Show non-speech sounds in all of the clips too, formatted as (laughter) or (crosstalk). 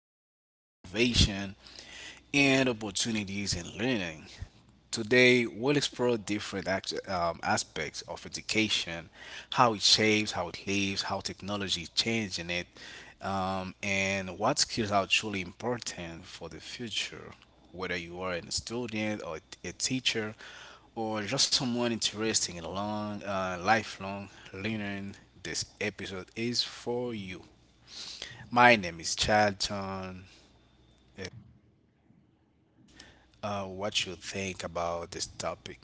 challenges, innovation, and opportunities in learning. Today, we'll explore aspects of education, how it shapes, how it lives, how technology is changing it, and what skills are truly important for the future. Whether you are a student or a teacher, or just someone interested in lifelong learning, this episode is for you. My name is Chad John. What you think about this topic?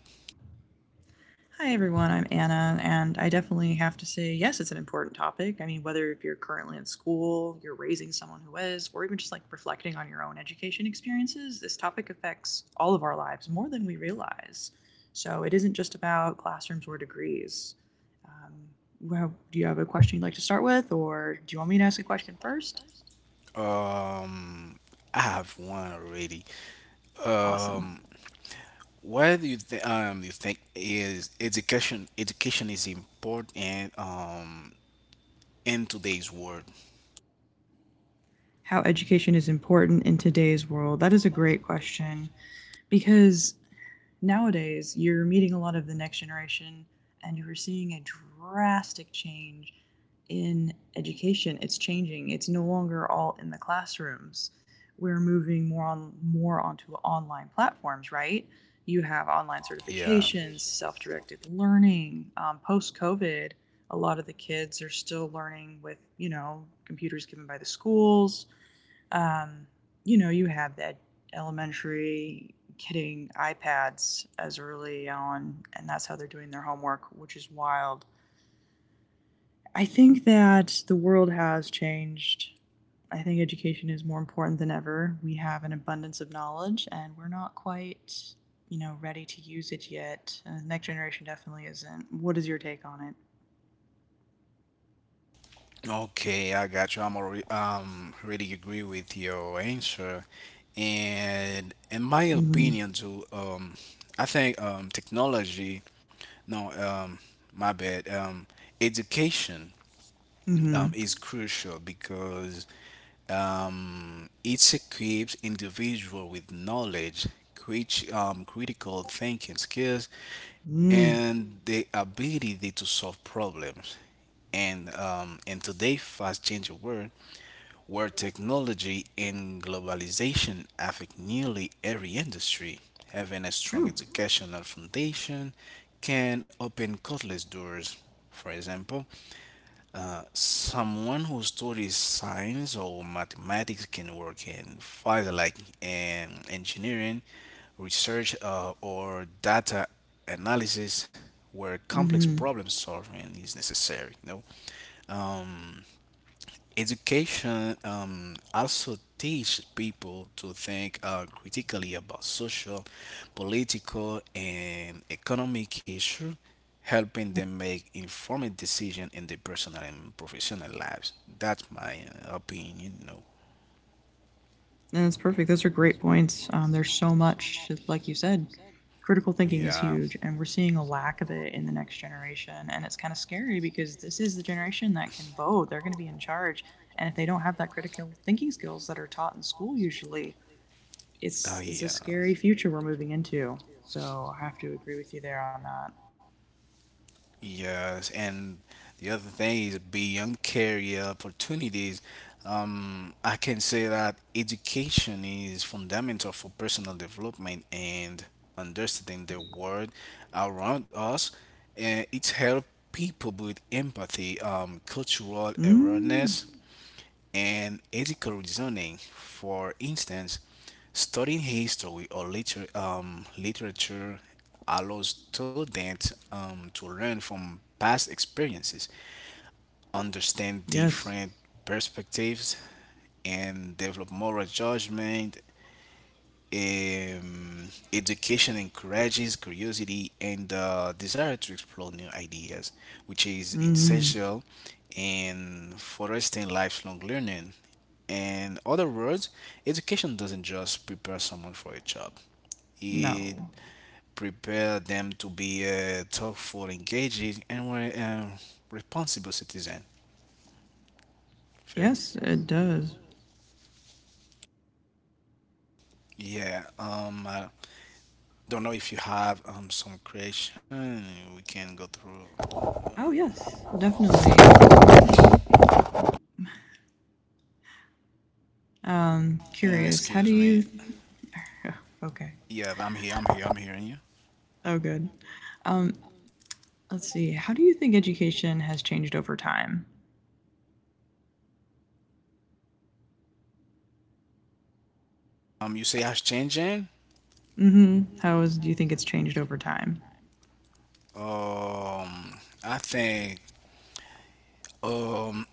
Hi everyone, I'm Anna, and I definitely have to say, yes, it's an important topic. I mean, whether if you're currently in school, you're raising someone who is, or even just like reflecting on your own education experiences, this topic affects all of our lives more than we realize. So it isn't just about classrooms or degrees. Um, well, do you have a question you'd like to start with, or do you want me to ask a question first? Um, I have one already. Awesome. Um, what do you think? You think is education? Education is important. In today's world. How education is important in today's world? That is a great question because nowadays, you're meeting a lot of the next generation and you're seeing a drastic change in education. It's changing. It's no longer all in the classrooms. We're moving more onto online platforms, right? You have online Yeah. certifications, self-directed learning. Post-COVID, a lot of the kids are still learning with computers given by the schools, um, you have that elementary getting iPads as early on, and that's how they're doing their homework, which is wild. I think that the world has changed. I think education is more important than ever. We have an abundance of knowledge, and we're not quite, ready to use it yet. And the next generation definitely isn't. What is your take on it? Okay, I got you. I'm already really agree with your answer, and in my Mm-hmm. opinion too. I think technology. No. My bad. Education Mm-hmm. Is crucial because it equips individual with knowledge, critical thinking skills, Mm. and the ability to solve problems. And in today's fast-changing world, where technology and globalization affect nearly every industry, having a strong True. educational foundation can open countless doors. For example, someone who studies science or mathematics can work in fields like engineering, research, or data analysis, where complex Mm-hmm. problem solving is necessary. You know, Um, education also teach people to think critically about social, political, and economic issues, helping them make informed decisions in their personal and professional lives. That's my opinion. You know. And that's perfect. Those are great points. There's so much, like you said, critical thinking is Yeah. huge, and we're seeing a lack of it in the next generation. And it's kind of scary because this is the generation that can vote, they're going to be in charge. And if they don't have that critical thinking skills that are taught in school, usually, Oh it's a yeah. scary future we're moving into. So I have to agree with you there on that. Yes, and the other thing is beyond career opportunities. I can say that education is fundamental for personal development and understanding the world around us. And it helps people with empathy, cultural Mm, awareness, and ethical reasoning. For instance, studying history or literature allows students to learn from past experiences, understand yes. different perspectives, and develop moral judgment. Education encourages curiosity and the desire to explore new ideas, which is Mm-hmm. essential in fostering lifelong learning. In other words, education doesn't just prepare someone for a job; it No. prepares them to be a thoughtful, engaging, and responsible citizen. Okay. Yes, it does. Yeah. I don't know if you have some question we can go through. Oh, yes, definitely. Curious, how do Excuse you me. (laughs) okay. Yeah, I'm here. I'm here. I'm hearing you. Oh, good. Um, let's see. How do you think education has changed over time? You say I changing. Mm-hmm. How is, do you think it's changed over time? Um, I think um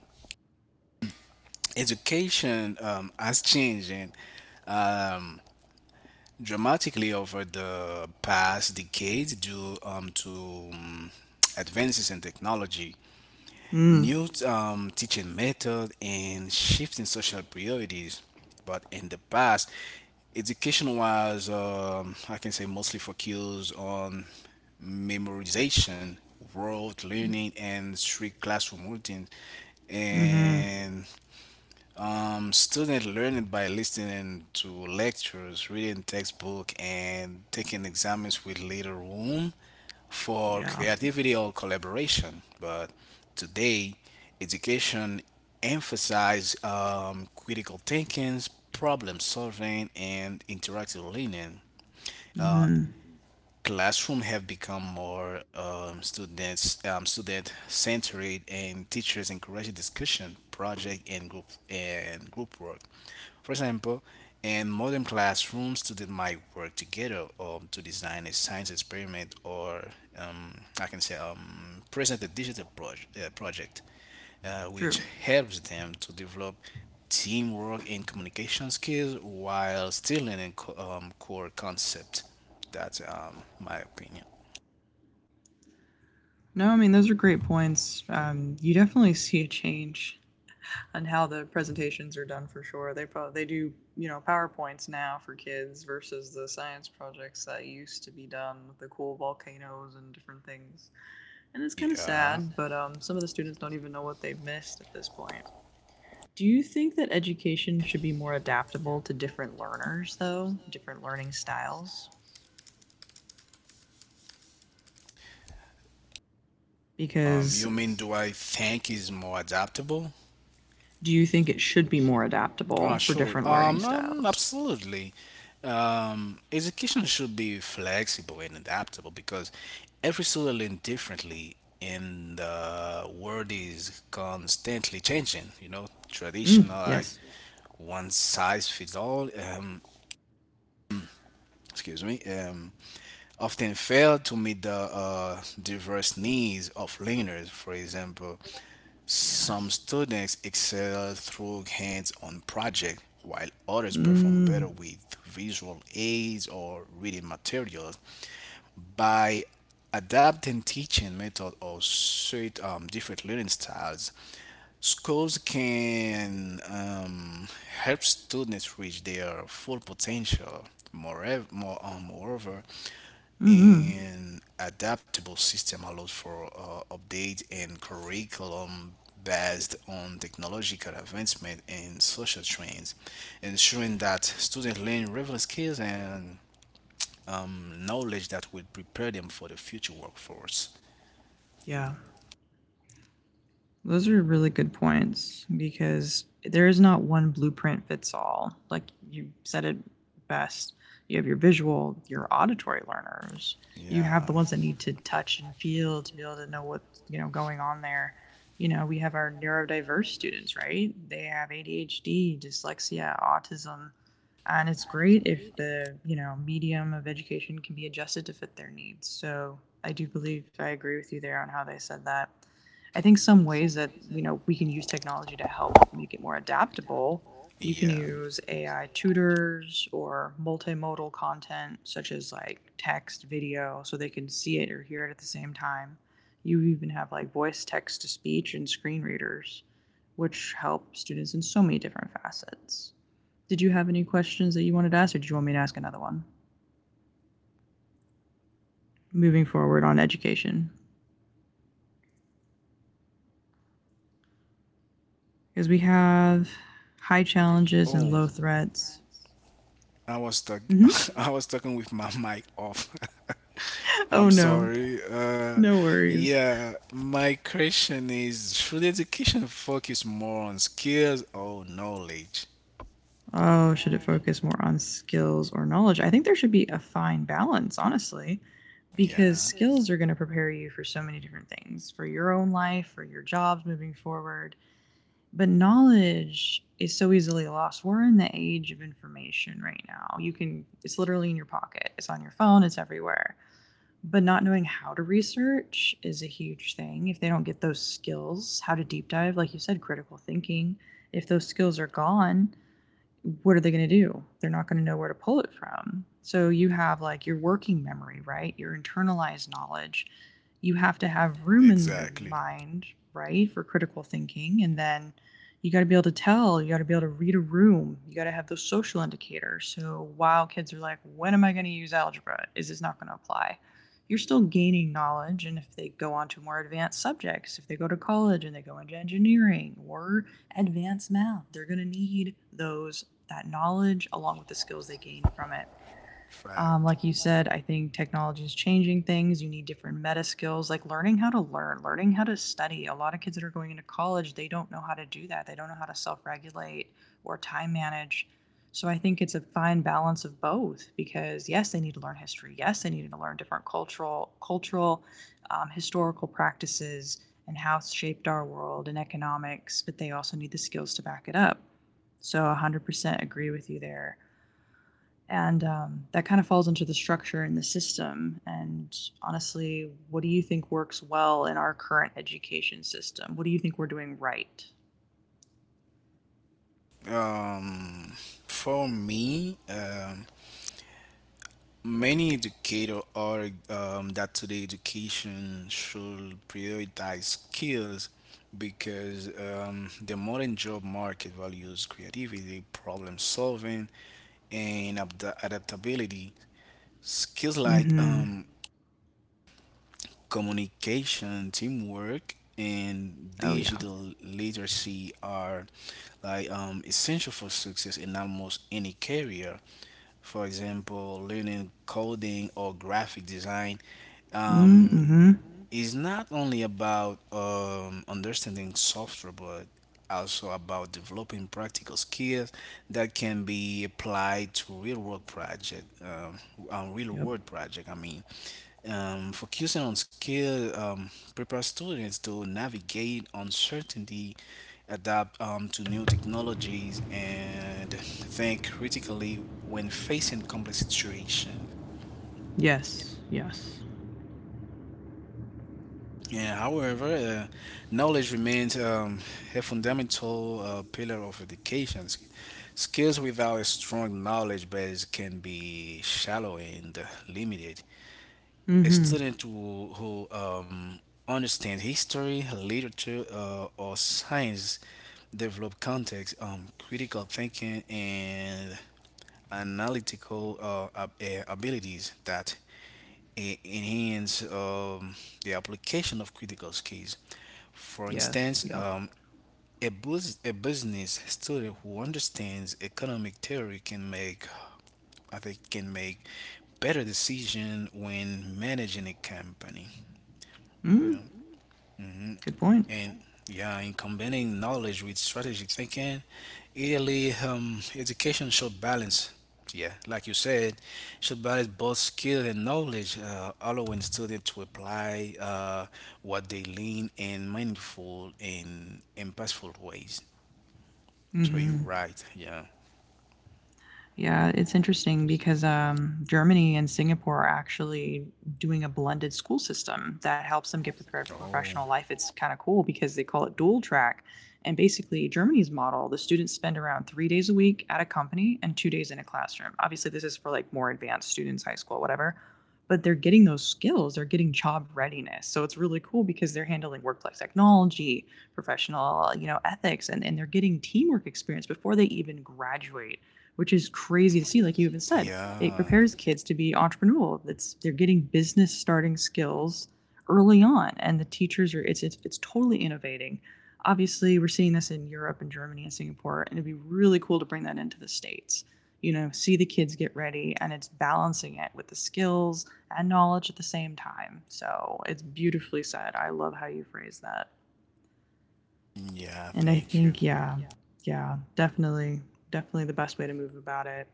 education has changing um dramatically over the past decades due to advances in technology, Mm. new teaching method, and shifting social priorities. But in the past, education was, I can say, mostly focused on memorization, rote learning, and strict classroom routines. Mm-hmm. And student learning by listening to lectures, reading textbook, and taking exams with little room for Yeah. creativity or collaboration. But today, education emphasizes critical thinking, problem solving, and interactive learning. Uh, Mm-hmm. Classroom have become more student centered, and teachers encourage discussion project and group work. For example, in modern classrooms, students might work together to design a science experiment or I can say present a digital project, which True. helps them to develop teamwork and communication skills while still learning core concept. That's my opinion. No, I mean those are great points. You definitely see a change on how the presentations are done for sure. They do powerpoints now for kids versus the science projects that used to be done with the cool volcanoes and different things. And it's kind of Yeah. sad, but some of the students don't even know what they've missed at this point. Do you think that education should be more adaptable to different learners, though, different learning styles? Because You mean do I think is more adaptable? do you think it should be more Oh, adaptable for sure. different learning styles? Absolutely. Education should be flexible and adaptable because every student learns differently, and the world is constantly changing. You know, Mm, traditional like yes. one size fits all. Excuse me. Often fail to meet the diverse needs of learners. For example, some Yes. students excel through hands-on projects, while others perform Mm. better with visual aids or reading materials. By adapting teaching method or suit different learning styles, schools can help students reach their full potential. Moreover, Hmm. an adaptable system allows for update and curriculum based on technological advancement and social trends, ensuring that students learn relevant skills and knowledge that will prepare them for the future workforce. Yeah. Those are really good points because there is not one blueprint fits all. Like you said it best, you have your visual, your auditory learners, you have Yeah, the ones that need to touch and feel to be able to know what's going on there. You know, we have our neurodiverse students, right? They have ADHD, dyslexia, autism, and it's great if the medium of education can be adjusted to fit their needs. So I do believe I agree with you there on how they said that. I think some ways that we can use technology to help make it more adaptable. You can yeah. use AI tutors or multimodal content such as like text, video, so they can see it or hear it at the same time. You even have like voice text to speech and screen readers, which help students in so many different facets. Did you have any questions that you wanted to ask, or did you want me to ask another one? Moving forward on education, because we have high challenges and Oh, low threats. I was talk Hmm. (laughs) I was talking with my mic off. (laughs) I'm Oh no. sorry. No worries. Yeah, my question is: Should education focus more on skills or knowledge? Oh, should it focus more on skills or knowledge? I think there should be a fine balance, honestly, because Yeah, skills are going to prepare you for so many different things for your own life, for your jobs moving forward. But knowledge is so easily lost. We're in the age of information right now. You can, it's literally in your pocket, it's on your phone, it's everywhere but not knowing how to research is a huge thing. If they don't get those skills, how to deep dive, like you said, critical thinking, if those skills are gone, what are they going to do? They're not going to know where to pull it from. So you have like your working memory, right? Your internalized knowledge. You have to have room in your exactly. mind, right, for critical thinking. And then you got to be able to tell, you got to be able to read a room, you got to have those social indicators. So while kids are like, when am I going to use algebra? Is this not going to apply? You're still gaining knowledge. And if they go on to more advanced subjects, if they go to college and they go into engineering or advanced math, they're going to need those that knowledge along with the skills they gain from it. Fact. Like you said, I think technology is changing things. You need different meta skills, like learning how to learn, learning how to study. A lot of kids that are going into college, they don't know how to do that. They don't know how to self regulate or time manage. So I think it's a fine balance of both because yes, they need to learn history. Yes, they need to learn different cultural, historical practices and how it's shaped our world and economics. But they also need the skills to back it up. So 100% agree with you there. And that kind of falls into the structure and the system. And honestly, what do you think works well in our current education system? What do you think we're doing right? Um, for me, many educators are that today education should prioritize skills because the modern job market values creativity, problem solving, and adaptability. Skills Mm like hmm. Communication, teamwork, and Oh, yeah. digital literacy are like essential for success in almost any career. For example, learning coding or graphic design, Mm um, hmm. it's not only about understanding software, but also about developing practical skills that can be applied to real Yep. world project. I mean, focusing on skill prepare students to navigate uncertainty, adapt to new technologies, and think critically when facing complex situations. Yes. Yes. Yeah, however, knowledge remains a fundamental pillar of education. Skills without a strong knowledge base can be shallow and limited. Mm A hmm. student who understands history, literature, or science develop context, critical thinking, and analytical abilities that enhance the application of critical skills. For Yes. instance, Yep. A a business student who understands economic theory can make, I think, can make better decision when managing a company. Mm. Hmm. Good point. And yeah, in combining knowledge with strategic thinking, ideally, education should balance. Yeah, like you said, should balance both skill and knowledge, allowing students to apply what they learn in meaningful and impactful ways. Mm So you're hmm. right. Yeah. Yeah, it's interesting because Germany and Singapore are actually doing a blended school system that helps them get prepared for Oh, professional life. It's kind of cool because they call it dual track. And basically, Germany's model, the students spend around 3 days a week at a company and 2 days in a classroom. Obviously, this is for like more advanced students, high school, whatever. But they're getting those skills, they're getting job readiness. So it's really cool because they're handling workplace technology, professional, ethics, and they're getting teamwork experience before they even graduate, which is crazy to see, like you even said. It yeah. prepares kids to be entrepreneurial. It's they're getting business starting skills early on, and the teachers are it's totally innovating. Obviously, we're seeing this in Europe and Germany and Singapore, and it'd be really cool to bring that into the states. You know, see the kids get ready, and it's balancing it with the skills and knowledge at the same time. So it's beautifully said. I love how you phrase that, Yeah. and I Thank you. think yeah, definitely, definitely the best way to move about it.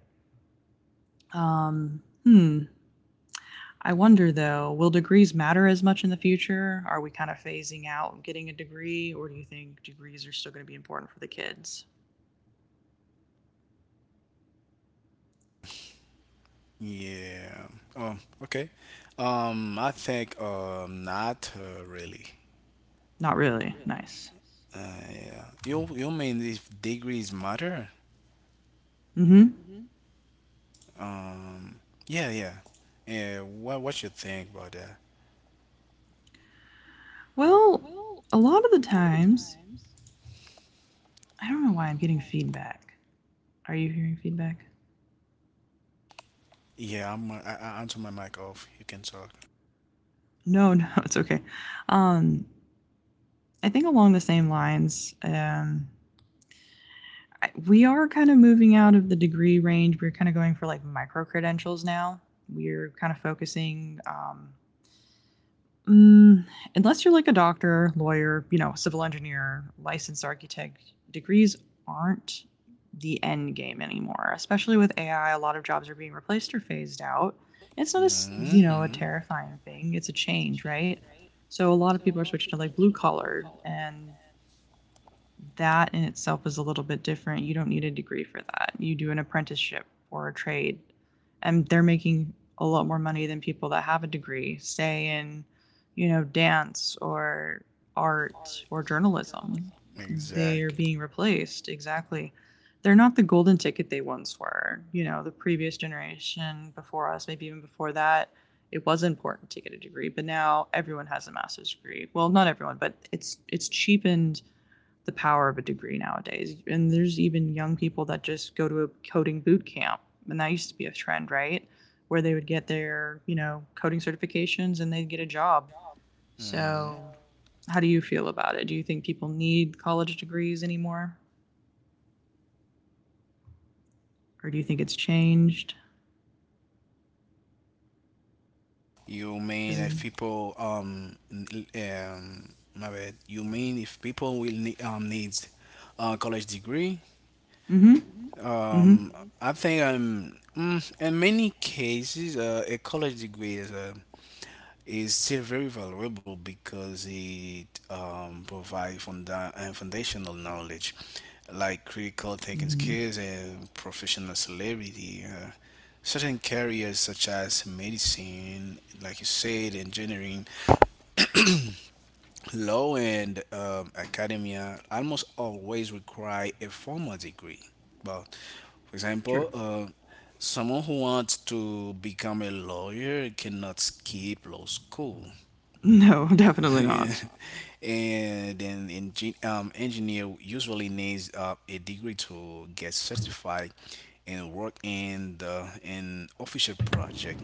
um, hmm. I wonder though, will degrees matter as much in the future? Are we kind of phasing out getting a degree, or do you think degrees are still going to be important for the kids? Yeah. Oh, okay. I think not really. Not really. Nice. Yeah. You mean if degrees matter? Mm-hmm. Um, yeah, yeah. Yeah. What you think about that? Well, a lot of the times, I don't know why I'm getting feedback. Are you hearing feedback? Yeah, I'm. I answer my mic off. You can talk. No, (laughs) no, it's okay. Um, I think along the same lines, we are kind of moving out of the degree range. We're kind of going for like micro credentials now. We're kind of focusing mm, unless you're like a doctor, lawyer, you know, civil engineer, licensed architect, degrees aren't the end game anymore. Especially with AI, a lot of jobs are being replaced or phased out. It's not a a Hmm. terrifying thing. It's a change, right? So a lot of people are switching to like blue collar and that in itself is a little bit different. You don't need a degree for that. You do an apprenticeship or a trade, and they're making a lot more money than people that have a degree, say in, you know, dance or art or journalism. They're Exactly. It, being replaced. Exactly. They're not the golden ticket they once were. You know, the previous generation before us, maybe even before that, it was important to get a degree, but now everyone has a master's degree. Well, not everyone, but it's cheapened the power of a degree nowadays. And there's even young people that just go to a coding boot camp, and that used to be a trend, right? Where they would get their, you know, coding certifications and they'd get a job. hmm. So, how do you feel about it? Do you think people need college degrees anymore? Or do you think it's changed? You mean if Because, people my bad. You mean if people will need needs a college degree? mm-hmm, mm-hmm, Um, I think in many cases a college degree is a is still very valuable because it provides foundational knowledge like critical thinking mm-hmm. skills and professional celebrity. Certain careers such as medicine, like you said, engineering, law, and academia almost always require a formal degree. But, for True. example, (laughs) someone who wants to become a lawyer cannot skip law school. No, (laughs) definitely not. And then engineer usually needs a degree to get certified and work in the an official project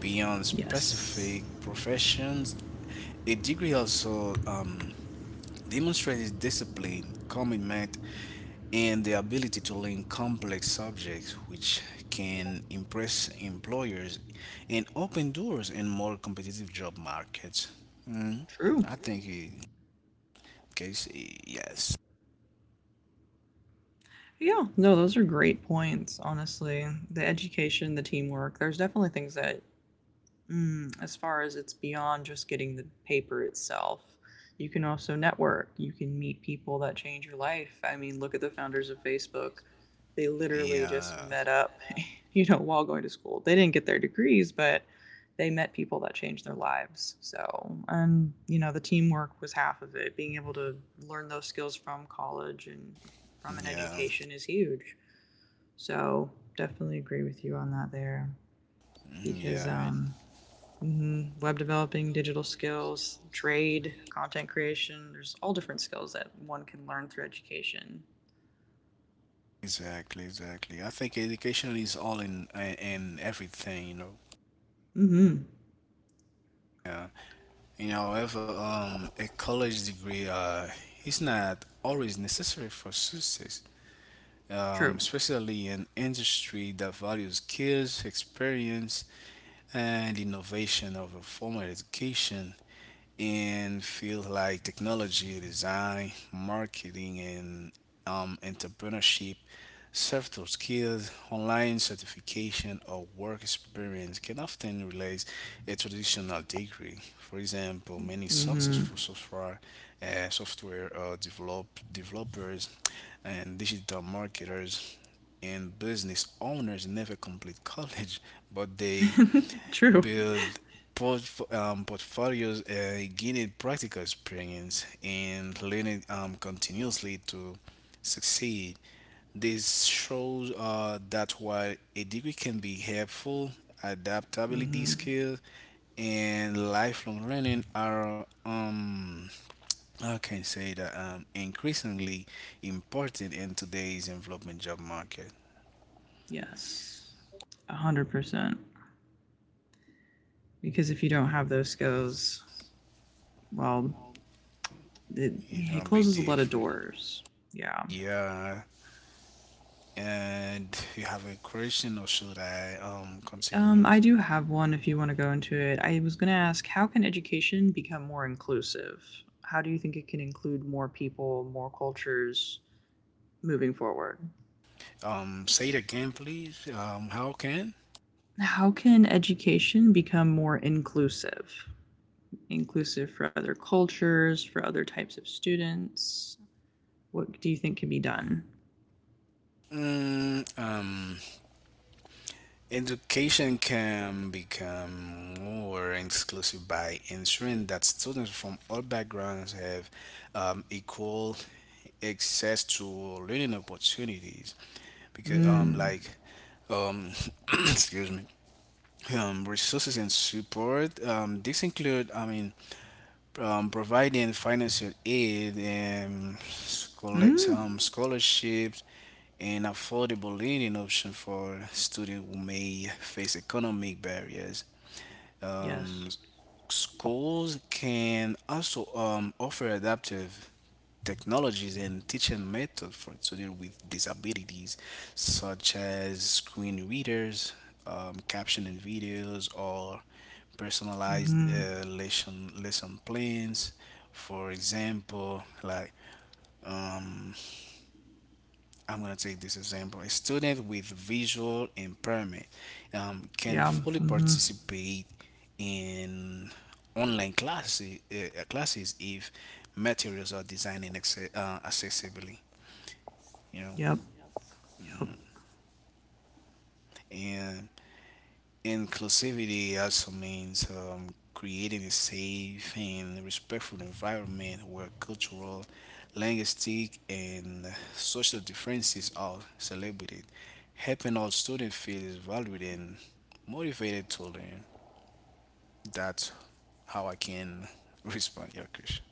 beyond Yes. specific professions. A degree also demonstrated discipline, commitment, and the ability to learn complex subjects, which can impress employers and open doors in more competitive job markets. Mm, True. I think, case, yes. Yeah, no, those are great points, honestly. The education, the teamwork, there's definitely things that. As far as it's beyond just getting the paper itself, you can also network. You can meet people that change your life. I mean, look at the founders of Facebook. They literally just Yeah, met up, (laughs) while going to school. They didn't get their degrees, but they met people that changed their lives. So, the teamwork was half of it. Being able to learn those skills from college and from an yeah, education is huge. So, definitely agree with you on that mm, because yeah. um, mhm, Web developing, digital skills, trade, content creation, there's all different skills that one can learn through education. Exactly, exactly. I think education is all in everything, you know. Mm-hmm. Yeah. You know, however, a college degree is not always necessary for success, True. especially in industry that values skills, experience, and innovation of a formal education in fields like technology, design, marketing, and entrepreneurship, soft skills, online certification, or work experience can often replace a traditional degree. For example, many successful Mm-hmm. software developers and digital marketers and business owners never complete (laughs) college, but they (laughs) True. build portfolios, gaining practical experience, and learning continuously to succeed. This shows that while a degree can be helpful, adaptability Mm-hmm. skills and lifelong learning are I can say that increasingly important in today's development job market. Yes. 100%. Because if you don't have those skills, well, it, It's it gonna be closes a lot of different. doors. Yeah. Yeah, and (laughs) you have a question, or should I continue? I do have one if you want to go into it. I was going to ask, how can education become more inclusive? How do you think it can include more people, more cultures moving forward? Say it again, please. How can? How can education become more inclusive? Inclusive for other cultures, for other types of students? What do you think can be done? Mm, education can become more inclusive by ensuring that students from all backgrounds have equal access to learning opportunities. Because, Mm. Um, (coughs) (clears throat) excuse me, resources and support. This include, I mean, providing financial aid and Mm. Scholarships and affordable living options for students who may face economic barriers. Um, Yes. Schools can also offer adaptive technologies and teaching methods for students with disabilities, such as screen readers, captioning videos, or personalized Mm-hmm. Lesson plans. For example, like um, I'm gonna take this example: a student with visual impairment can Yeah. fully Mm-hmm. participate in online classes classes if materials are designed and accessibly, you know. Yep. Yep. And inclusivity also means creating a safe and respectful environment where cultural, linguistic, and social differences are celebrated, helping all students feel valued and motivated to learn. That's how I can (laughs) respond to your question.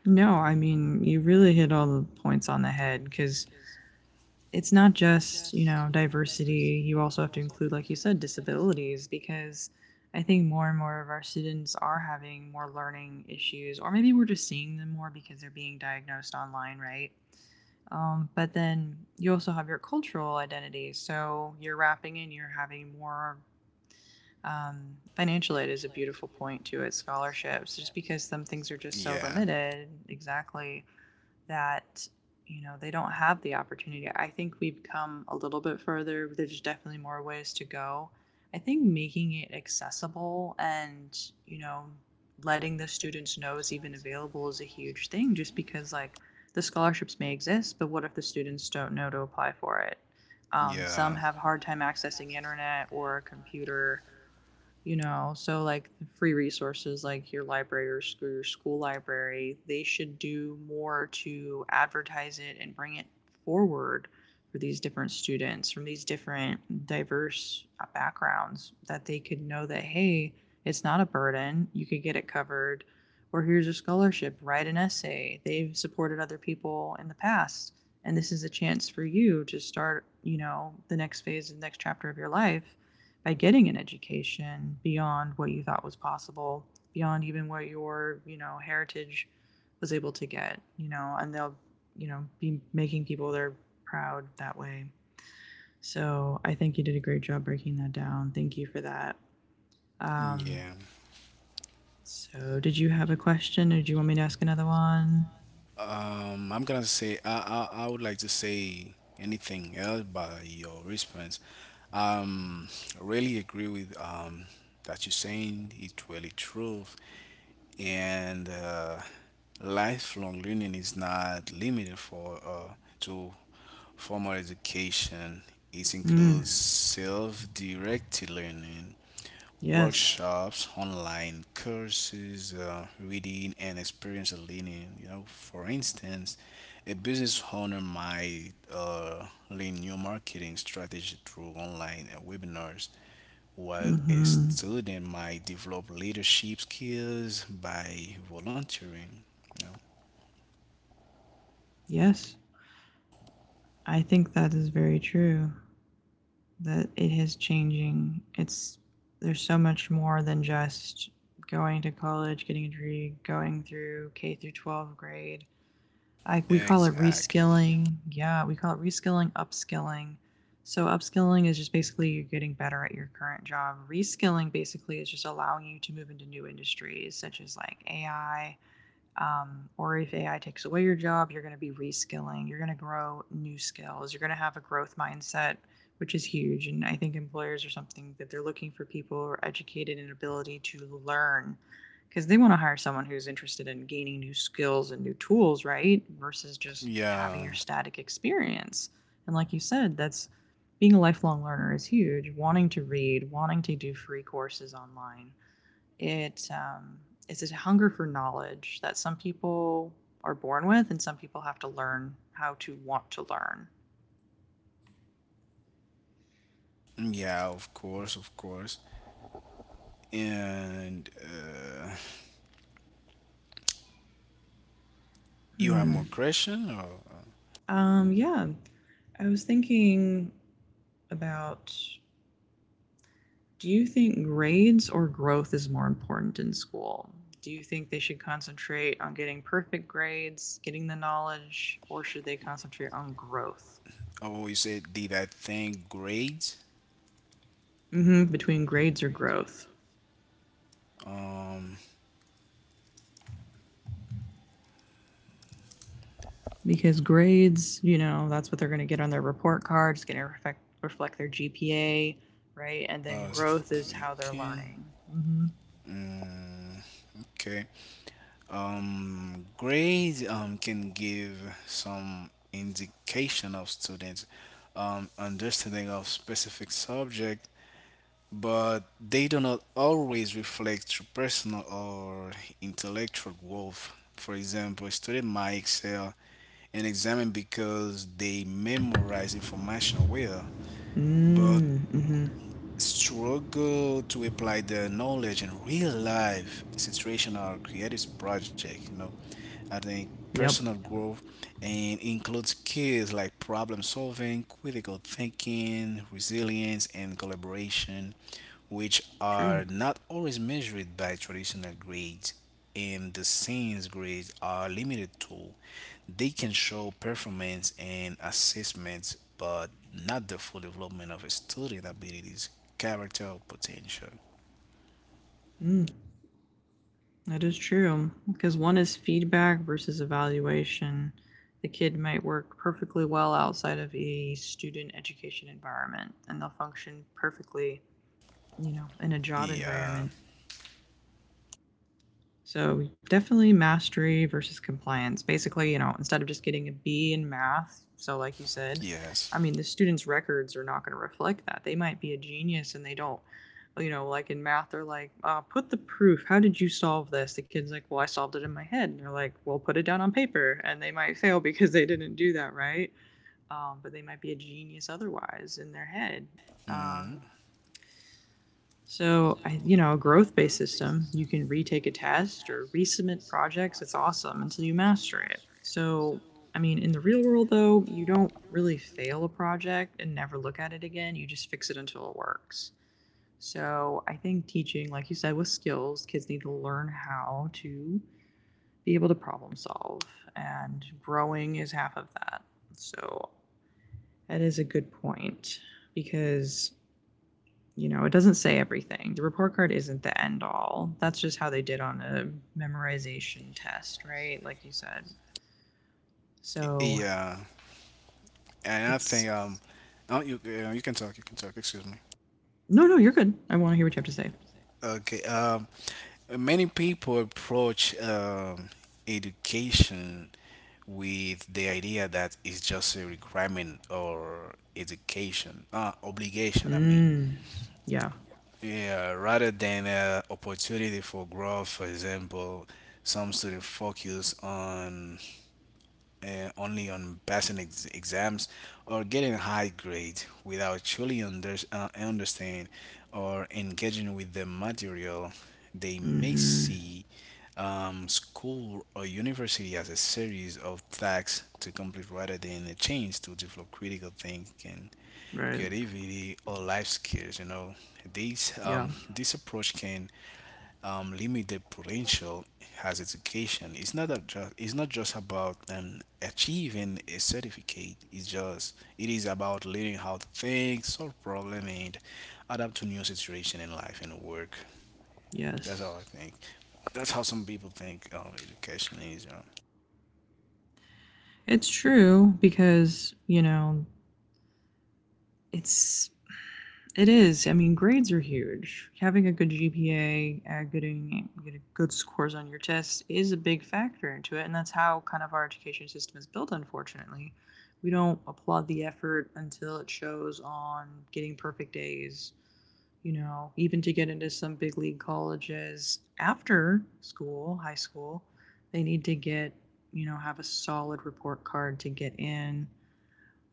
No, I mean, you really hit all the points on the head because it's not just, you know, diversity. You also have to include, like you said, disabilities, because I think more and more of our students are having more learning issues, or maybe we're just seeing them more because they're being diagnosed online, right? But then you also have your cultural identity, so you're wrapping in, you're having more. Financial aid is a beautiful point to it. Scholarships, just because some things are just so Yeah, limited. Exactly. That, you know, they don't have the opportunity. I think we've come a little bit further. There's definitely more ways to go. I think making it accessible and, you know, letting the students know it's even available is a huge thing. Just because, like, the scholarships may exist, but what if the students don't know to apply for it? Some yeah. have a hard time accessing internet or a computer, you know. So, like, the free resources, like your library or your school library, they should do more to advertise it and bring it forward for these different students from these different diverse backgrounds, that they could know that, hey, it's not a burden, you could get it covered. Or here's a scholarship, write an essay, they've supported other people in the past, and this is a chance for you to start, you know, the next phase, the next chapter of your life by getting an education beyond what you thought was possible, beyond even what your, you know, heritage was able to get, you know. And they'll, you know, be making people they're proud that way. So I think you did a great job breaking that down. Thank you for that. Um, Yeah. so did you have a question or do you want me to ask another one? I'm gonna say I would like to say anything else by your response. Um, I really agree with that you're saying. It's really true, and lifelong learning is not limited for to formal education. It Mm, includes self-directed learning, yes. workshops, online courses, reading, and experience learning. You know, for instance, a business owner might learn new marketing strategy through online webinars, while a Mm-hmm. student might develop leadership skills by volunteering. You Yes. I think that is very true. That it is changing. It's there's so much more than just going to college, getting a degree, going through K through 12 grade. Know? We call it Exactly. reskilling. Yeah, we call it reskilling, upskilling. So upskilling is just basically you're getting better at your current job. Reskilling basically is just allowing you to move into new industries such as like AI, or if AI takes away your job, you're going to be reskilling, you're going to grow new skills, you're going to have a growth mindset, which is huge. And I think employers are something that they're looking for people who are educated in ability to learn, because they want to hire someone who's interested in gaining new skills and new tools, right? Versus just having Yeah, your static experience. And like you said, that's being a lifelong learner is huge. Wanting to read, wanting to do free courses online. It um, it's a hunger for knowledge that some people are born with, and some people have to learn how to want to learn. yeah, of course, of course. And you have more Hmm. question or? Yeah, I was thinking about, do you think grades or growth is more important in school? Do you think they should concentrate on getting perfect grades, getting the knowledge, or should they concentrate on growth? Oh, you said did I think grades? Hmm. Between grades or growth? Um, Because grades, you know, that's what they're going to get on their report card. It's going to reflect their GPA, right? And I then was growth is how they're thinking. learning. Mm-hmm. Mm, okay. Grades can give some indication of students' understanding of specific subject, but they do not always reflect true personal or intellectual growth. For example, a student might excel in exam because they memorize information well, Mm, but hmm, mm hmm. struggle to apply their knowledge in real life situational creative project you know. I think Yep. personal growth and includes skills like problem solving, critical thinking, resilience, and collaboration, which are True. not always measured by traditional grades. And the since grades are limited tool, they can show performance and assessments, but not the full development of a student abilities, character, or potential. Mm, that is true. Because one is feedback versus evaluation. The kid might work perfectly well outside of a student education environment, and they'll function perfectly, you know, in a job Yeah. environment. So definitely mastery versus compliance. Basically, you know, instead of just getting a B in math, so like you said, Yes. I mean, the student's records are not going to reflect that. They might be a genius and they don't, you know, like in math, they're like, put the proof. How did you solve this? The kid's like, well, I solved it in my head. And they're like, well, put it down on paper. And they might fail (laughs) because they didn't do that right. But they might be a genius otherwise in their head. Mm. Um, so, you know, a growth based system, you can retake a test or resubmit projects. It's awesome until you master it. So, I mean, in the real world, though, you don't really fail a project and never look at it again. You just fix it until it works. So, I think teaching, like you said, with skills, kids need to learn how to be able to problem solve, and growing is half of that. So, that is a good point, because, you know, it doesn't say everything. The report card isn't the end all. That's just how they did on a memorization test, right? Like you said. So Yeah. And I think it's oh, you can talk. Excuse me. No, no, you're good. I want to hear what you have to say. Okay. Many people approach education with the idea that it's just a requirement or education obligation. I mean, Mm. Yeah. yeah, rather than opportunity for growth. For example, some students focus on only on passing exams or getting a high grade without truly understanding or engaging with the material, they may Mm-hmm. see school or university as a series of tasks to complete rather than a chance to develop critical thinking, Right. creativity, or life skills. You know, these Yeah. This approach can limited potential has education. It's not just about achieving a certificate. It is about learning how to think, solve problem, and adapt to new situation in life and work. That's how Yes. I think. That's how some people think education is. You know? It's true because, you know, it's It is. I mean, grades are huge. Having a good GPA, getting good scores on your tests is a big factor into it, and that's how kind of our education system is built. Unfortunately, we don't applaud the effort until it shows on getting perfect A's. You know, even to get into some big league colleges after school, high school, they need to get, you know, have a solid report card to get in.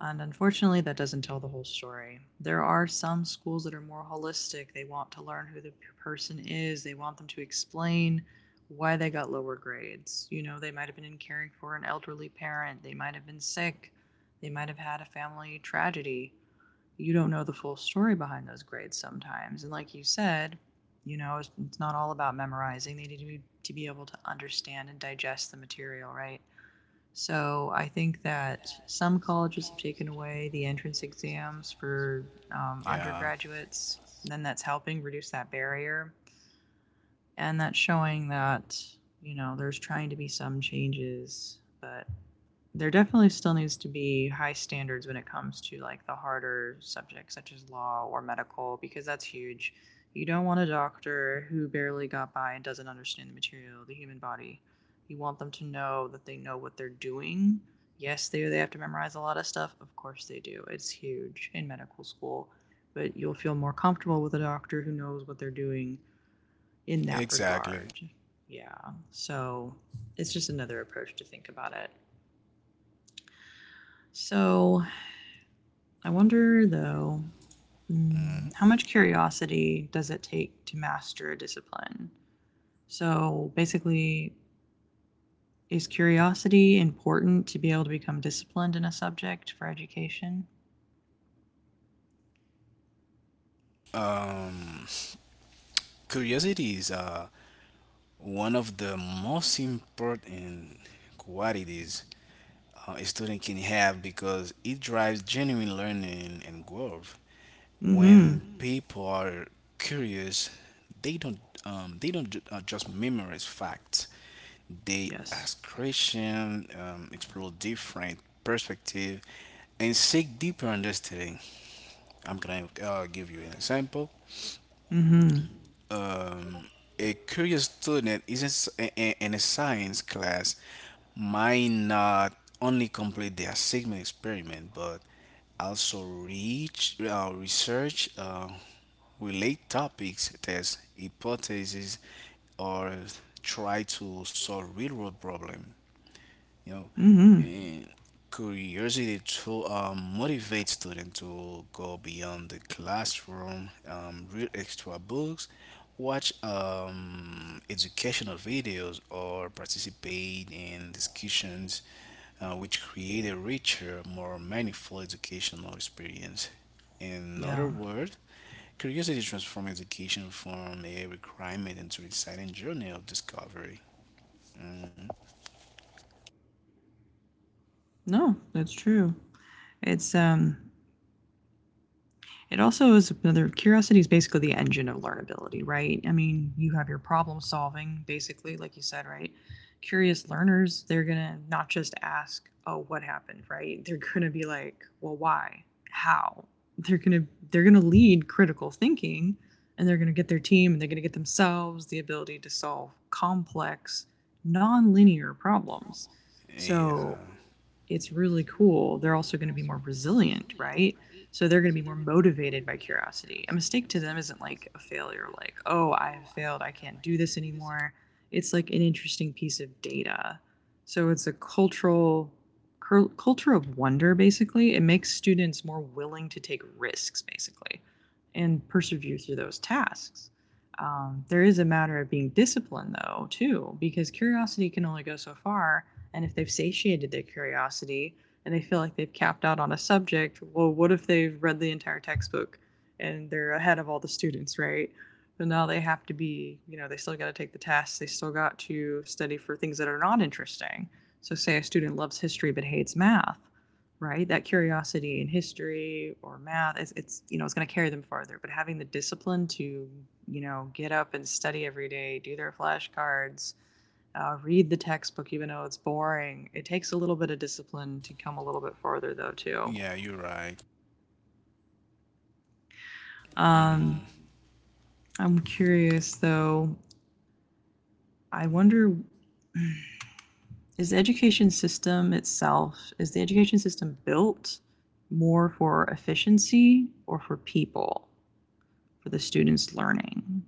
And unfortunately, that doesn't tell the whole story. There are some schools that are more holistic. They want to learn who the person is, they want them to explain why they got lower grades. You know, they might have been in caring for an elderly parent, they might have been sick, they might have had a family tragedy. You don't know the full story behind those grades sometimes. And like you said, you know, it's not all about memorizing. They need to to be able to understand and digest the material, right? So I think that some colleges have taken away the entrance exams for Yeah, undergraduates. And then that's helping reduce that barrier. And that's showing that, you know, there's trying to be some changes, but there definitely still needs to be high standards when it comes to like the harder subjects such as law or medical, because that's huge. You don't want a doctor who barely got by and doesn't understand the material, the human body. You want them to know that they know what they're doing. Yes, they have to memorize a lot of stuff. Of course they do. It's huge in medical school, but you'll feel more comfortable with a doctor who knows what they're doing in that exactly. regard. Yeah. So, it's just another approach to think about it. So, I wonder, though, Mhm. mm, how much curiosity does it take to master a discipline? So basically, is curiosity important to be able to become disciplined in a subject for education? Um, curiosity is one of the most important qualities a student can have because it drives genuine learning and growth. Mm hmm. When people are curious, they don't they don't just memorize facts. They Yes. ask questions, explore different perspective, and seek deeper understanding. I'm gonna give you an example Mm hmm. um, a curious student isn't in s- I- in a science class might not only complete their Sigma experiment but also reach research relate topics, test hypotheses, or try to solve real world problems, you know, Mm hmm. and curiosity to motivate students to go beyond the classroom, read extra books, watch educational videos or participate in discussions, which create a richer more meaningful educational experience. In other Yeah. words, curiosity transforms education from a requirement into an exciting journey of discovery. Mhm. No, that's true. It's, um, It also is another. Curiosity is basically the engine of learnability, right? I mean, you have your problem solving, basically, like you said, right? Curious learners, they're gonna not just ask, "Oh, what happened?" Right? They're gonna be like, "Well, why? How?" They're gonna lead critical thinking, and they're gonna get their team and they're gonna get themselves the ability to solve complex, non-linear problems. Yeah. So it's really cool, they're also going to be more resilient, right? So they're going to be more motivated by curiosity. A mistake to them isn't like a failure, like, oh, I have failed, I can't do this anymore. It's like an interesting piece of data. So it's a cultural culture of wonder basically. It makes students more willing to take risks basically and persevere through those tasks. There is a matter of being disciplined though too because curiosity can only go so far, and if they've satiated their curiosity and they feel like they've capped out on a subject, well, what if they've read the entire textbook and they're ahead of all the students, right? But now they have to, be, you know, they still got to take the tests, they still got to study for things that are not interesting. So, say a student loves history but hates math, right? That curiosity in history or math, it's you know, it's going to carry them farther. But having the discipline to, you know, get up and study every day, do their flashcards, read the textbook even though it's boring. It takes a little bit of discipline to come a little bit farther though too. Yeah, you're right. Mm. Um, Um. I'm curious though. I wonder, (sighs) is the education system itself, is the education system built more for efficiency or for people, for the students learning?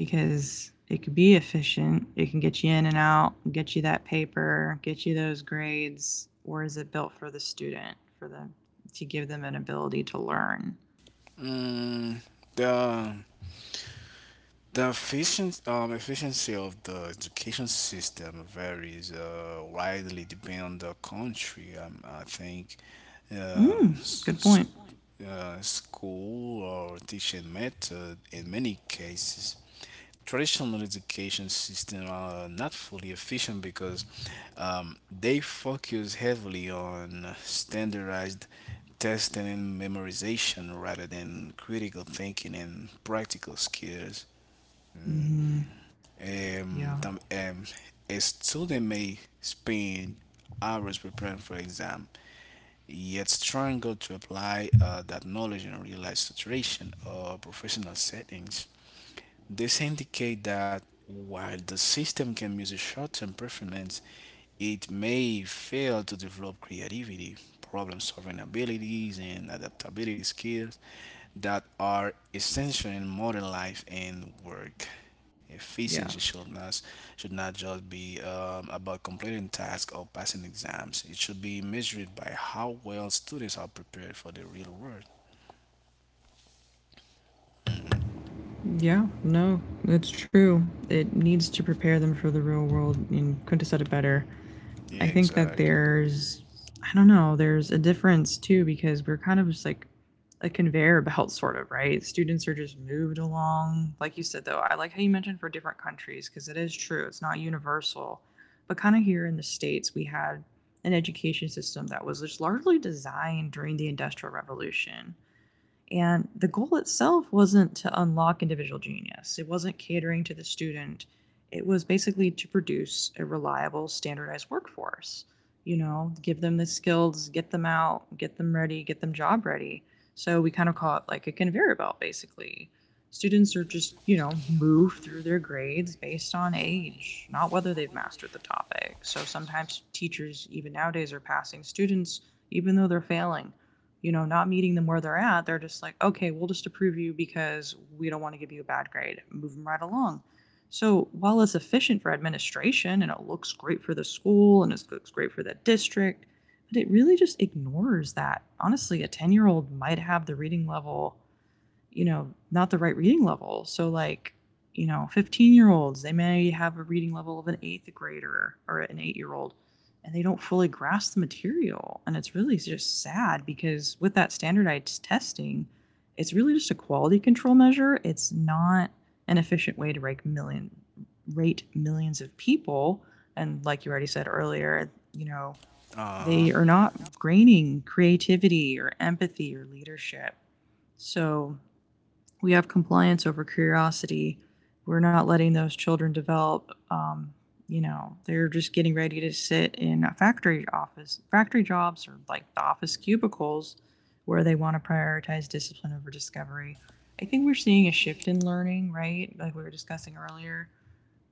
Because it could be efficient. It can get you in and out, get you that paper, get you those grades. Or is it built for the student, for the, to give them an ability to learn? Mm. The the efficiency of the education system varies widely depending on the country. I think um, mm, Mm, s- good point. School or teaching method in many cases traditional education system are not fully efficient because they focus heavily on standardized testing and memorization rather than critical thinking and practical skills. Um, Hmm. Yeah. tam- um, a student may spend hours preparing for exam, yet struggle to apply that knowledge in real life situation or professional settings. This indicate that while the system can measure short-term performance, it may fail to develop creativity, problem-solving abilities, and adaptability skills that are essential in modern life and work. Efficiency Yeah. should not just be about completing tasks or passing exams. It should be measured by how well students are prepared for the real world. Yeah. No, that's true. It needs to prepare them for the real world. And couldn't have said it better. I Yeah, think that exactly. there's, I don't know, there's a difference too because we're kind of just like a conveyor belt, sort of, right? Students are just moved along. Like you said, though, I like how you mentioned for different countries because it is true, it's not universal. But kind of here in the States, we had an education system that was just largely designed during the Industrial Revolution, and the goal itself wasn't to unlock individual genius, it wasn't catering to the student. It was basically to produce a reliable, standardized workforce. You know, give them the skills, get them out, get them ready, get them job ready. So we kind of call it like a conveyor belt, basically. Students are just, you know, moved through their grades based on age, not whether they've mastered the topic. So sometimes teachers, even nowadays, are passing students even though they're failing, you know, not meeting them where they're at, they're just like, okay, we'll just approve you because we don't want to give you a bad grade. Move them right along. So while it's efficient for administration and it looks great for the school and it looks great for the district, but it really just ignores that honestly, a 10-year-old might have the reading level, you know, not the right reading level. So, like, you know, 15-year-olds, they may have a reading level of an eighth grader or an 8 year old, and they don't fully grasp the material. And it's really just sad because with that standardized testing, it's really just a quality control measure. It's not an efficient way to rate millions of people. And like you already said earlier, you know, Uh, they are not grading creativity or empathy or leadership. So we have compliance over curiosity. We're not letting those children develop. You know, they're just getting ready to sit in a factory office, factory jobs, or like the office cubicles, where they want to prioritize discipline over discovery. I think we're seeing a shift in learning, right? Like we were discussing earlier,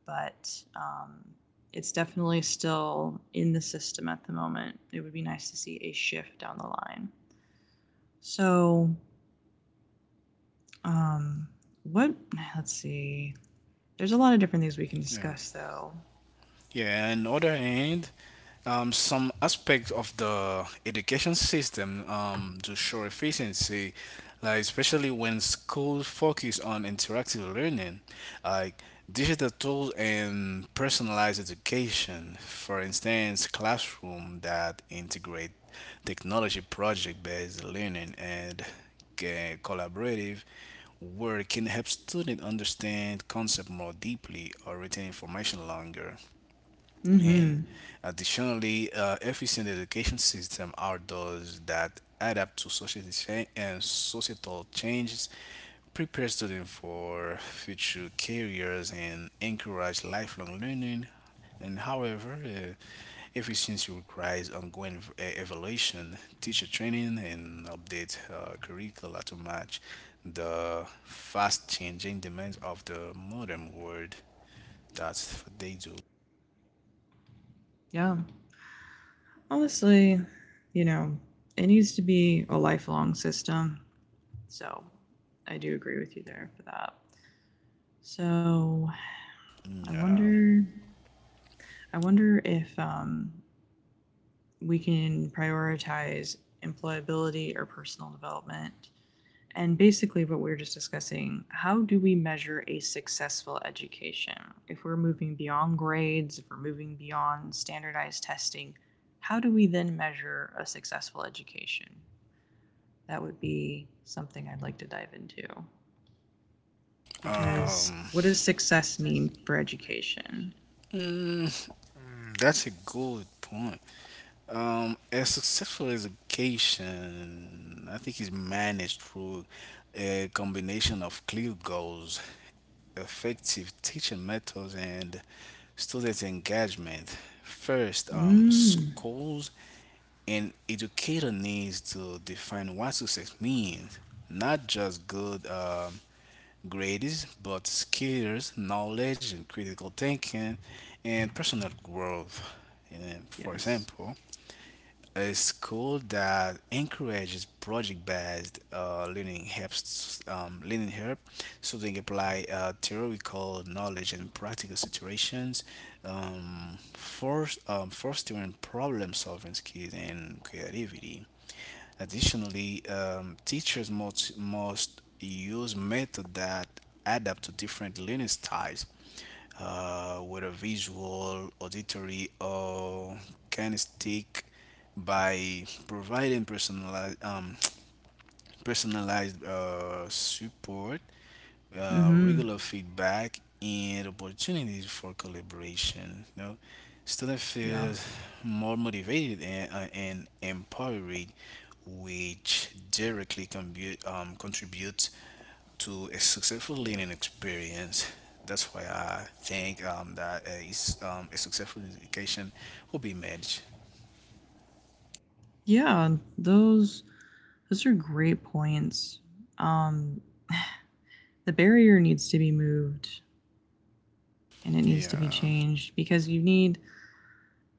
but um, it's definitely still in the system at the moment. It would be nice to see a shift down the line. So um, what? Let's see. There's a lot of different things we can yeah. discuss, though. Yeah, and other hand, some aspects of the education system, to show efficiency, like especially when schools focus on interactive learning, like digital tools and personalized education. For instance, classroom that integrate technology project-based learning and uh, collaborative work can help students understand concept more deeply or retain information longer. And Mm-hmm. additionally, efficient education system outdoors that adapt to society and societal changes, prepare students for future careers, and encourage lifelong learning. And however, efficiency requires ongoing evaluation, teacher training, and update curricula to match the fast changing demands of the modern world. That's what they do. Yeah. Honestly, you know, it needs to be a lifelong system. So, I do agree with you there for that. So, I Yeah. wonder. I wonder if we can prioritize employability or personal development. And basically, what we are just discussing, how do we measure a successful education? If we're moving beyond grades, if we're moving beyond standardized testing, how do we then measure a successful education? That would be something I'd like to dive into. Because Um. what does success mean for education? Mm, that's a good point. A successful education, I think, is managed through a combination of clear goals, effective teaching methods, and student engagement. First, Mm, schools and educator needs to define what success means, not just good. Grades, but skills, knowledge, and critical thinking, and personal growth. And then, for yes. example, a school that encourages project-based learning help students apply theoretical knowledge in practical situations, fostering problem-solving skills and creativity. Additionally, teachers must use method that adapt to different learning styles, whether visual, auditory, or kinesthetic, by providing personalized, (tsk) personalized support, Mm-hmm. regular feedback and opportunities for collaboration. You know, students Yeah. feel more motivated and empowered, which directly contribute contributes to a successful learning experience. That's why I think that a successful education will be managed. Yeah, those are great points. Um, the barrier needs to be moved and it needs Yeah. to be changed because you need,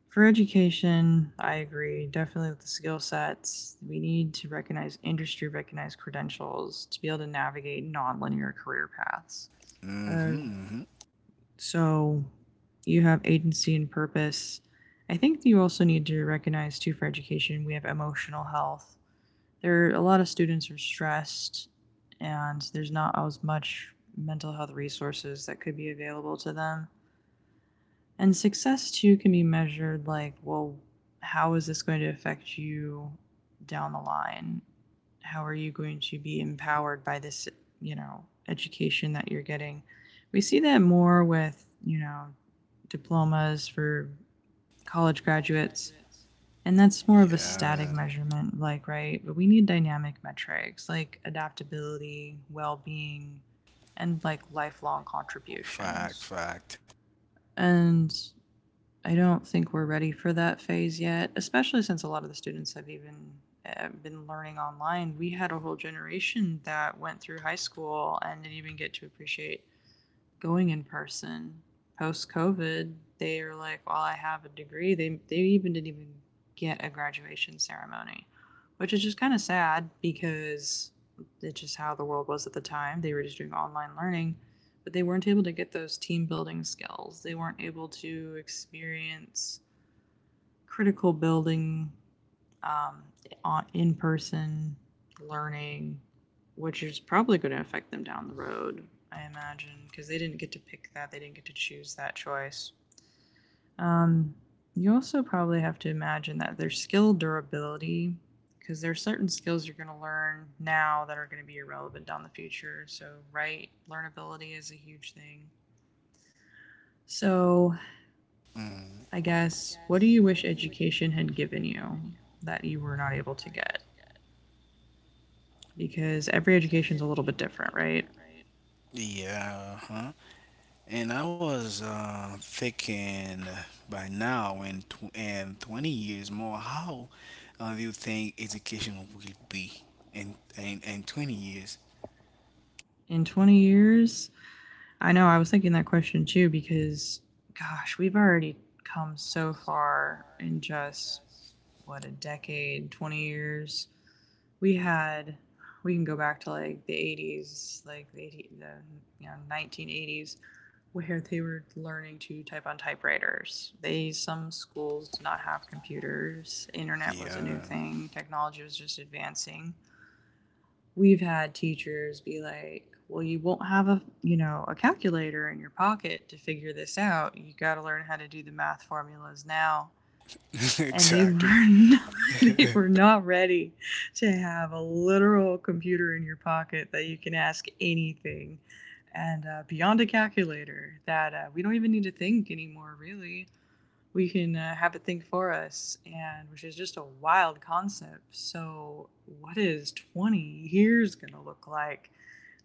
for education, I agree definitely with the skill sets, we need to recognize industry recognize credentials to be able to navigate nonlinear career paths. uh, Mm-hmm. Hmm. so you have agency and purpose. I think you also need to recognize too for education we have emotional health. There are a lot of students are stressed and there's not as much mental health resources that could be available to them. And success too can be measured like, well, how is this going to affect you down the line? How are you going to be empowered by this, you know, education that you're getting? We see that more with, you know, diplomas for college graduates. And that's more of a static Yeah. measurement, like, right? But we need dynamic metrics like adaptability, well being, and like lifelong Fact. contributions. Fact. And I don't think we're ready for that phase yet, especially since a lot of the students have even been learning online. We had a whole generation that went through high school and didn't even get to appreciate going in person post COVID, they are like, well, I have a degree. They even didn't even get a graduation ceremony, which is just kind of sad because it's just how the world was at the time. They were just doing online learning, but they weren't able to get those team building skills. They weren't able to experience critical building um, in person learning, which is probably going to affect them down the road, I imagine, because they didn't get to pick that, they didn't get to choose that choice. Um, you also probably have to imagine that their skill durability, because there are certain skills you're going to learn now that are going to be irrelevant down the future. So, right, learnability is a huge thing. So, Mm. I guess, what do you wish education had given you that you were not able to get? Because every education is a little bit different, right? Yeah, huh? And I was thinking by now in 20 years more, how do you think education will be in 20 years? In 20 years, I know I was thinking that question too because gosh, we've already come so far in just what a decade, 20 years. We had we can go back to like the 80s, like the you know 1980s where they were learning to type on typewriters. They some schools did not have computers. Internet was a new Yeah, thing. Technology was just advancing. We've had teachers be like, well, you won't have a, you know, a calculator in your pocket to figure this out. You got to learn how to do the math formulas now. (laughs) And they (laughs) were exactly. not, they (laughs) were not ready to have a literal computer in your pocket that you can ask anything. And beyond a calculator, that we don't even need to think anymore, really, we can have it think for us, and which is just a wild concept. So, what is 20 years going to look like?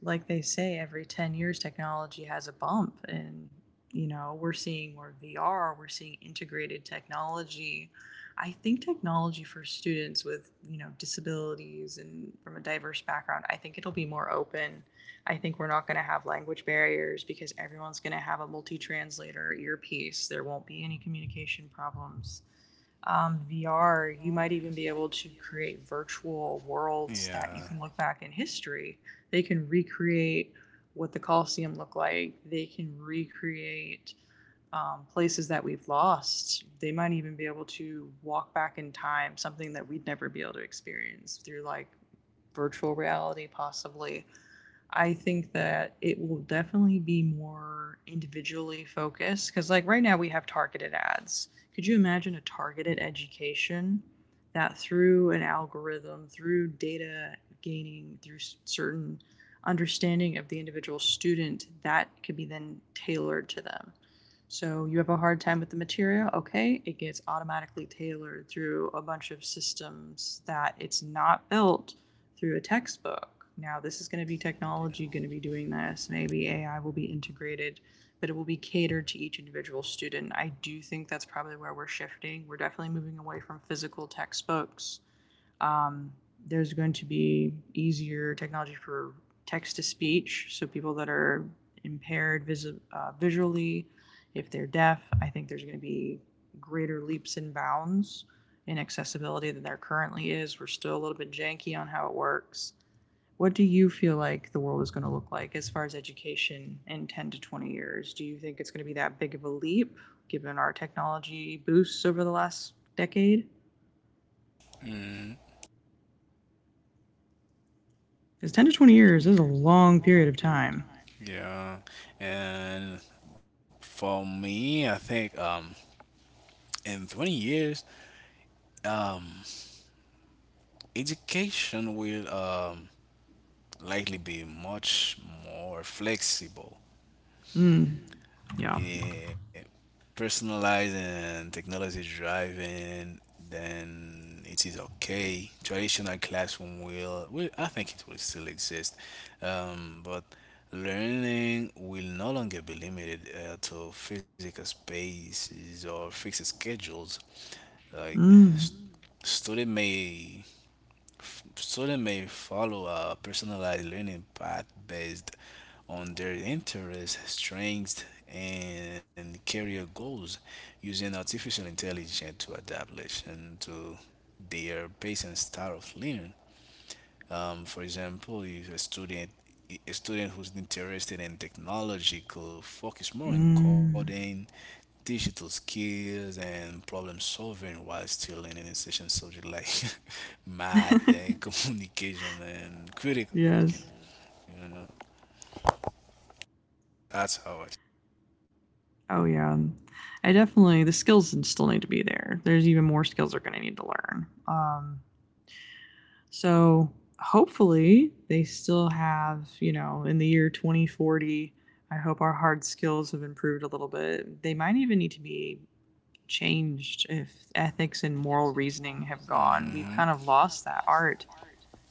Like they say, every 10 years, technology has a bump, and you know, we're seeing more VR, we're seeing integrated technology. I think technology for students with, you know, disabilities and from a diverse background, I think it'll be more open. I think we're not going to have language barriers because everyone's going to have a multi translator earpiece. There won't be any communication problems. VR, you might even be able to create virtual worlds that you yeah. can look back in history. They can recreate what the Colosseum looked like, they can recreate places that we've lost. They might even be able to walk back in time, something that we'd never be able to experience through like virtual reality, possibly. I think that it will definitely be more individually focused because, like, right now we have targeted ads. Could you imagine a targeted education that through an algorithm, through data gaining, through certain understanding of the individual student, that could be then tailored to them? So you have a hard time with the material, okay? It gets automatically tailored through a bunch of systems that it's not built through a textbook. Now, this is going to be technology going to be doing this. Maybe AI will be integrated, but it will be catered to each individual student. I do think that's probably where we're shifting. We're definitely moving away from physical textbooks. um, there's going to be easier technology for text to speech. So people that are impaired vis- visually if they're deaf, I think there's going to be greater leaps and bounds in accessibility than there currently is. We're still a little bit janky on how it works. What do you feel like the world is going to look like as far as education in 10 to 20 years? Do you think it's going to be that big of a leap given our technology boosts over the last decade? Mm, Because 10 to 20 years is a long period of time. yeah, and for me, I think in 20 years, um, education will likely be much more flexible, Mm, yeah. eh, personalized, and technology driven then it is. Okay. Traditional classroom will I think it will still exist, but learning will no longer be limited to physical spaces or fixed schedules. Like Mm, student may students may follow a personalized learning path based on their interests, strengths, and career goals using artificial intelligence to adapt lesson to their pace and style of learning. For example, if a student who's interested in technology could focus more on mm. coding, digital skills and problem solving while still learning essential subject like (laughs) math (laughs) and communication and critical thinking. Yes. You know, that's how I. Oh, yeah. I definitely, the skills still need to be there. There's even more skills they're going to need to learn. So hopefully they still have, you know, in the year 2040, I hope our hard skills have improved a little bit. They might even need to be changed if ethics and moral reasoning have gone. We've Mhm. kind of lost that art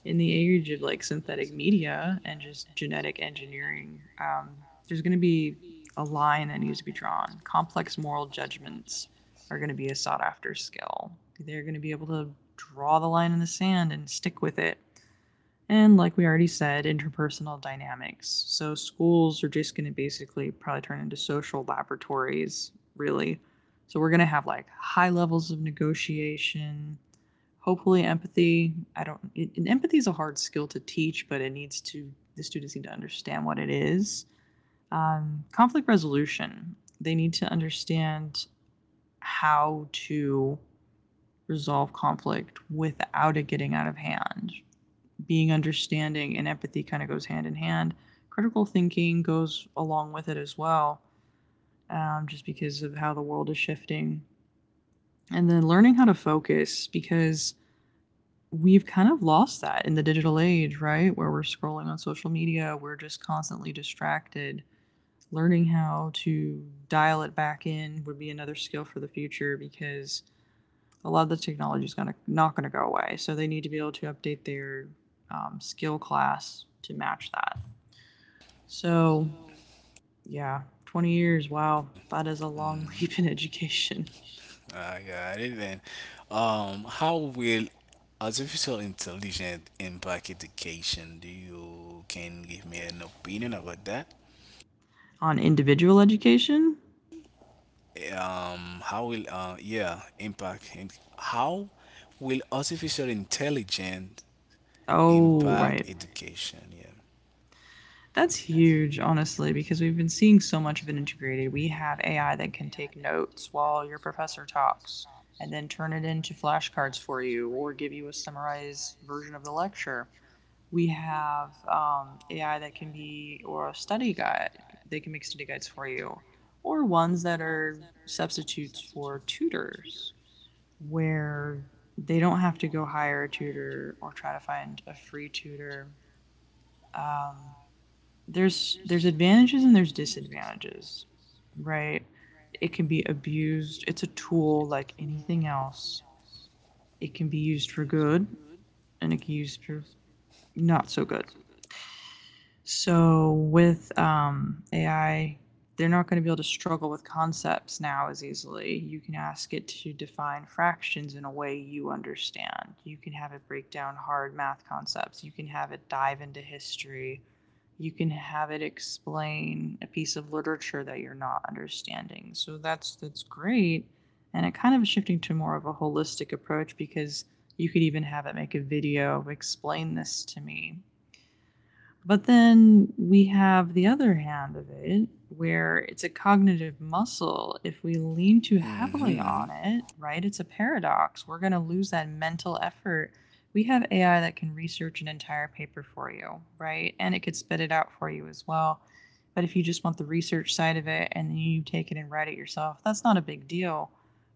in the age of like synthetic media and just genetic engineering. There's going to be a line that needs to be drawn. Complex moral judgments are going to be a sought after skill. They're going to be able to draw the line in the sand and stick with it, and like we already said, interpersonal dynamics. So schools are just going to basically probably turn into social laboratories, really. So we're going to have like high levels of negotiation, hopefully empathy. I don't, it, empathy is a hard skill to teach, but it needs to, the students need to understand what it is. Conflict resolution. They need to understand how to resolve conflict without it getting out of hand. Being understanding and empathy kind of goes hand in hand. Critical thinking goes along with it as well, just because of how the world is shifting. And then learning how to focus because we've kind of lost that in the digital age, right? Where we're scrolling on social media, we're just constantly distracted. Learning how to dial it back in would be another skill for the future because a lot of the technology is gonna not gonna go away. So they need to be able to update their skill class to match that. So, yeah, 20 years. Wow. That is a long Mhm. (laughs) leap in education. I got it. Then, how will artificial intelligence impact education? Do you can give me an opinion about that? On individual education? um how will uh yeah impact and how will artificial intelligence Oh, impact right. education, yeah. That's huge, honestly, because we've been seeing so much of it integrated. We have AI that can take notes while your professor talks and then turn it into flashcards for you or give you a summarized version of the lecture. We have AI that can be, or a study guide. They can make study guides for you, or ones that are substitutes for tutors, where they don't have to go hire a tutor or try to find a free tutor. Um, there's advantages and there's disadvantages, right? It can be abused. It's a tool like anything else. It can be used for good and it can be used for not so good. So with AI, they're not going to be able to struggle with concepts now as easily. You can ask it to define fractions in a way you understand. You can have it break down hard math concepts. You can have it dive into history. You can have it explain a piece of literature that you're not understanding. So that's great. And it kind of is shifting to more of a holistic approach because you could even have it make a video, explain this to me, but then we have the other hand of it, where it's a cognitive muscle. If we lean too heavily Mm-hmm. on it, right, it's a paradox. We're going to lose that mental effort. We have AI that can research an entire paper for you, right? And it could spit it out for you as well. But if you just want the research side of it and then you take it and write it yourself, that's not a big deal,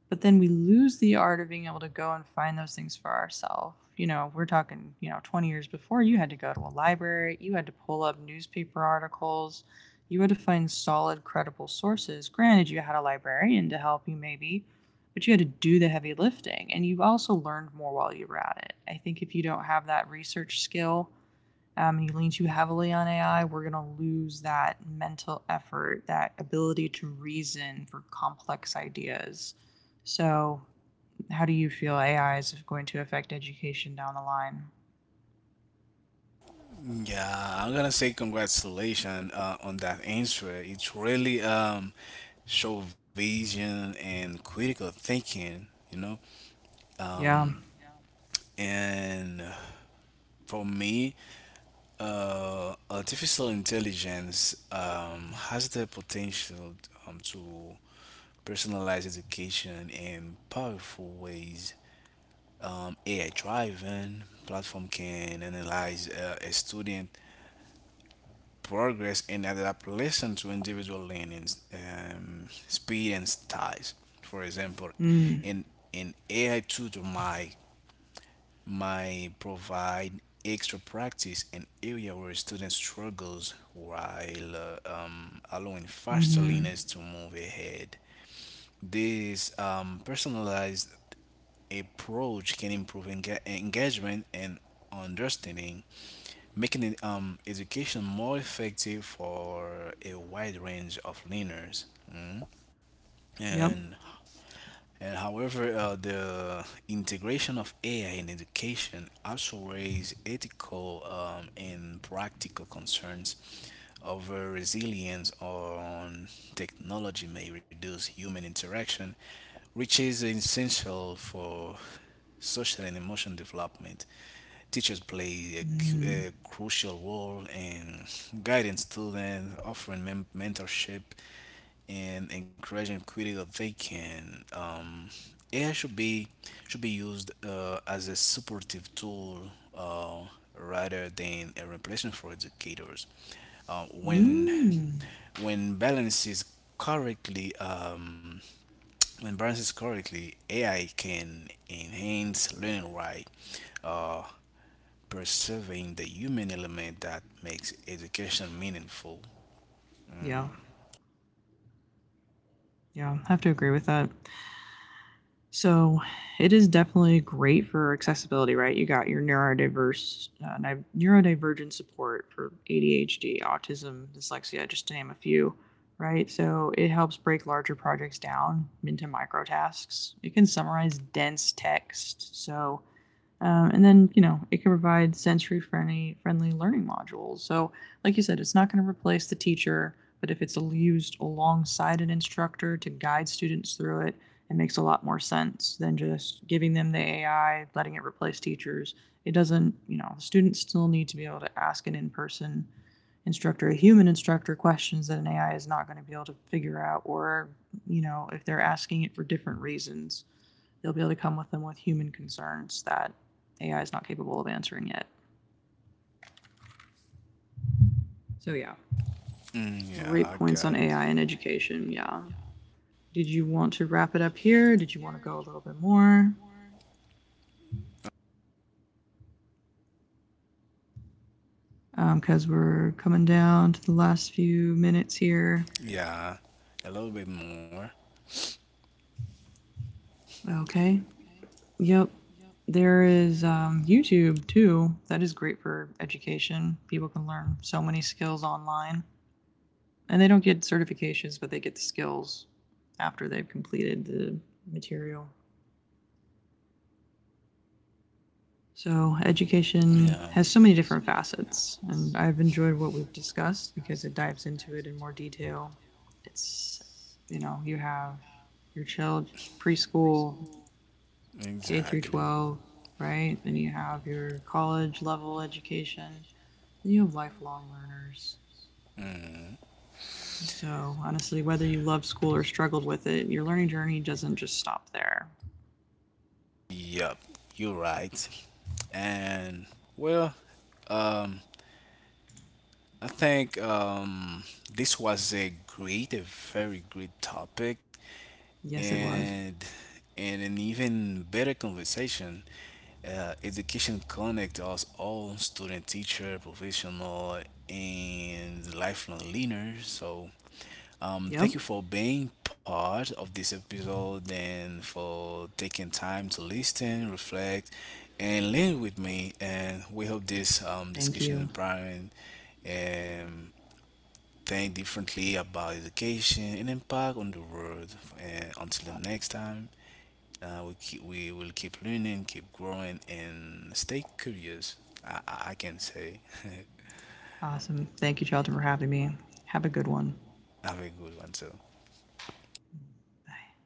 but then we lose the art of being able to go and find those things for ourselves. You know, we're talking, you know, 20 years before, you had to go to a library, you had to pull up newspaper articles, you had to find solid, credible sources. Granted, you had a librarian to help you maybe, but you had to do the heavy lifting and you also learned more while you were at it. I think if you don't have that research skill, and you lean too heavily on AI, we're going to lose that mental effort, that ability to reason for complex ideas. So, how do you feel AI is going to affect education down the line? Yeah, I'm gonna say congratulations on that answer. It's really show vision and critical thinking, you know. Yeah. And for me, artificial intelligence has the potential to personalized education, in powerful ways. AI driven platform can analyze a student progress and adapt lessons to individual learning, speed and styles. For example, Mm. in an AI tutor might provide extra practice in area where students struggles while allowing faster Hmm. learners to move ahead. This personalized approach can improve engagement and understanding, making education more effective for a wide range of learners. Mm. Yep. And and however, the integration of AI in education also raise ethical and practical concerns over resilience on technology may reduce human interaction, which is essential for social and emotional development. Teachers play a, Mm. a crucial role in guiding students, offering mentorship, and encouraging critical thinking. AI should be used as a supportive tool rather than a replacement for educators. Uh, when Mm. when balance is correctly um, when balanced correctly, AI can enhance learning while uh, preserving the human element that makes education meaningful. Mm. Yeah. Yeah, I have to agree with that. So it is definitely great for accessibility, right? You got your neurodivergent support for ADHD, autism, dyslexia, just to name a few, right? So it helps break larger projects down into micro tasks. It can summarize dense text, so and then, you know, it can provide sensory friendly learning modules. So, like you said, it's not going to replace the teacher, but if it's used alongside an instructor to guide students through it, it makes a lot more sense than just giving them the AI, letting it replace teachers. It doesn't, you know, students still need to be able to ask an in person instructor, a human instructor, questions that an AI is not going to be able to figure out, or, you know, if they're asking it for different reasons, they'll be able to come with them with human concerns that AI is not capable of answering yet. So yeah, Mm, yeah, great I points on got it. AI and education. Yeah. Did you want to wrap it up here? Did you want to go a little bit more? Because we're coming down to the last few minutes here. Yeah, a little bit more. Okay. Yep. There is YouTube too. That is great for education. People can learn so many skills online, and they don't get certifications, but they get the skills after they've completed the material. So, education Yeah. has so many different facets, and I've enjoyed what we've discussed because it dives into it in more detail. It's, you know, you have your child preschool, K through Exactly. 12, right? Then you have your college level education, then you have lifelong learners. Mm. So, honestly, whether you love school or struggled with it, your learning journey doesn't just stop there. Yep, you're right. And well, um, I think this was a very great topic, Yes, it was. and and an even better conversation. Education connect us all, student, teacher, professional, and lifelong learners. So. Yep. Thank you for being part of this episode and for taking time to listen, reflect, and learn with me. And we hope this Thank discussion you. empowering um, think differently about education and impact on the world. And until the next time, we will keep learning, keep growing, and stay curious. I can say, (laughs) Awesome. Thank you, Charlton, for having me. Have a good one. have a good one. So. Bye.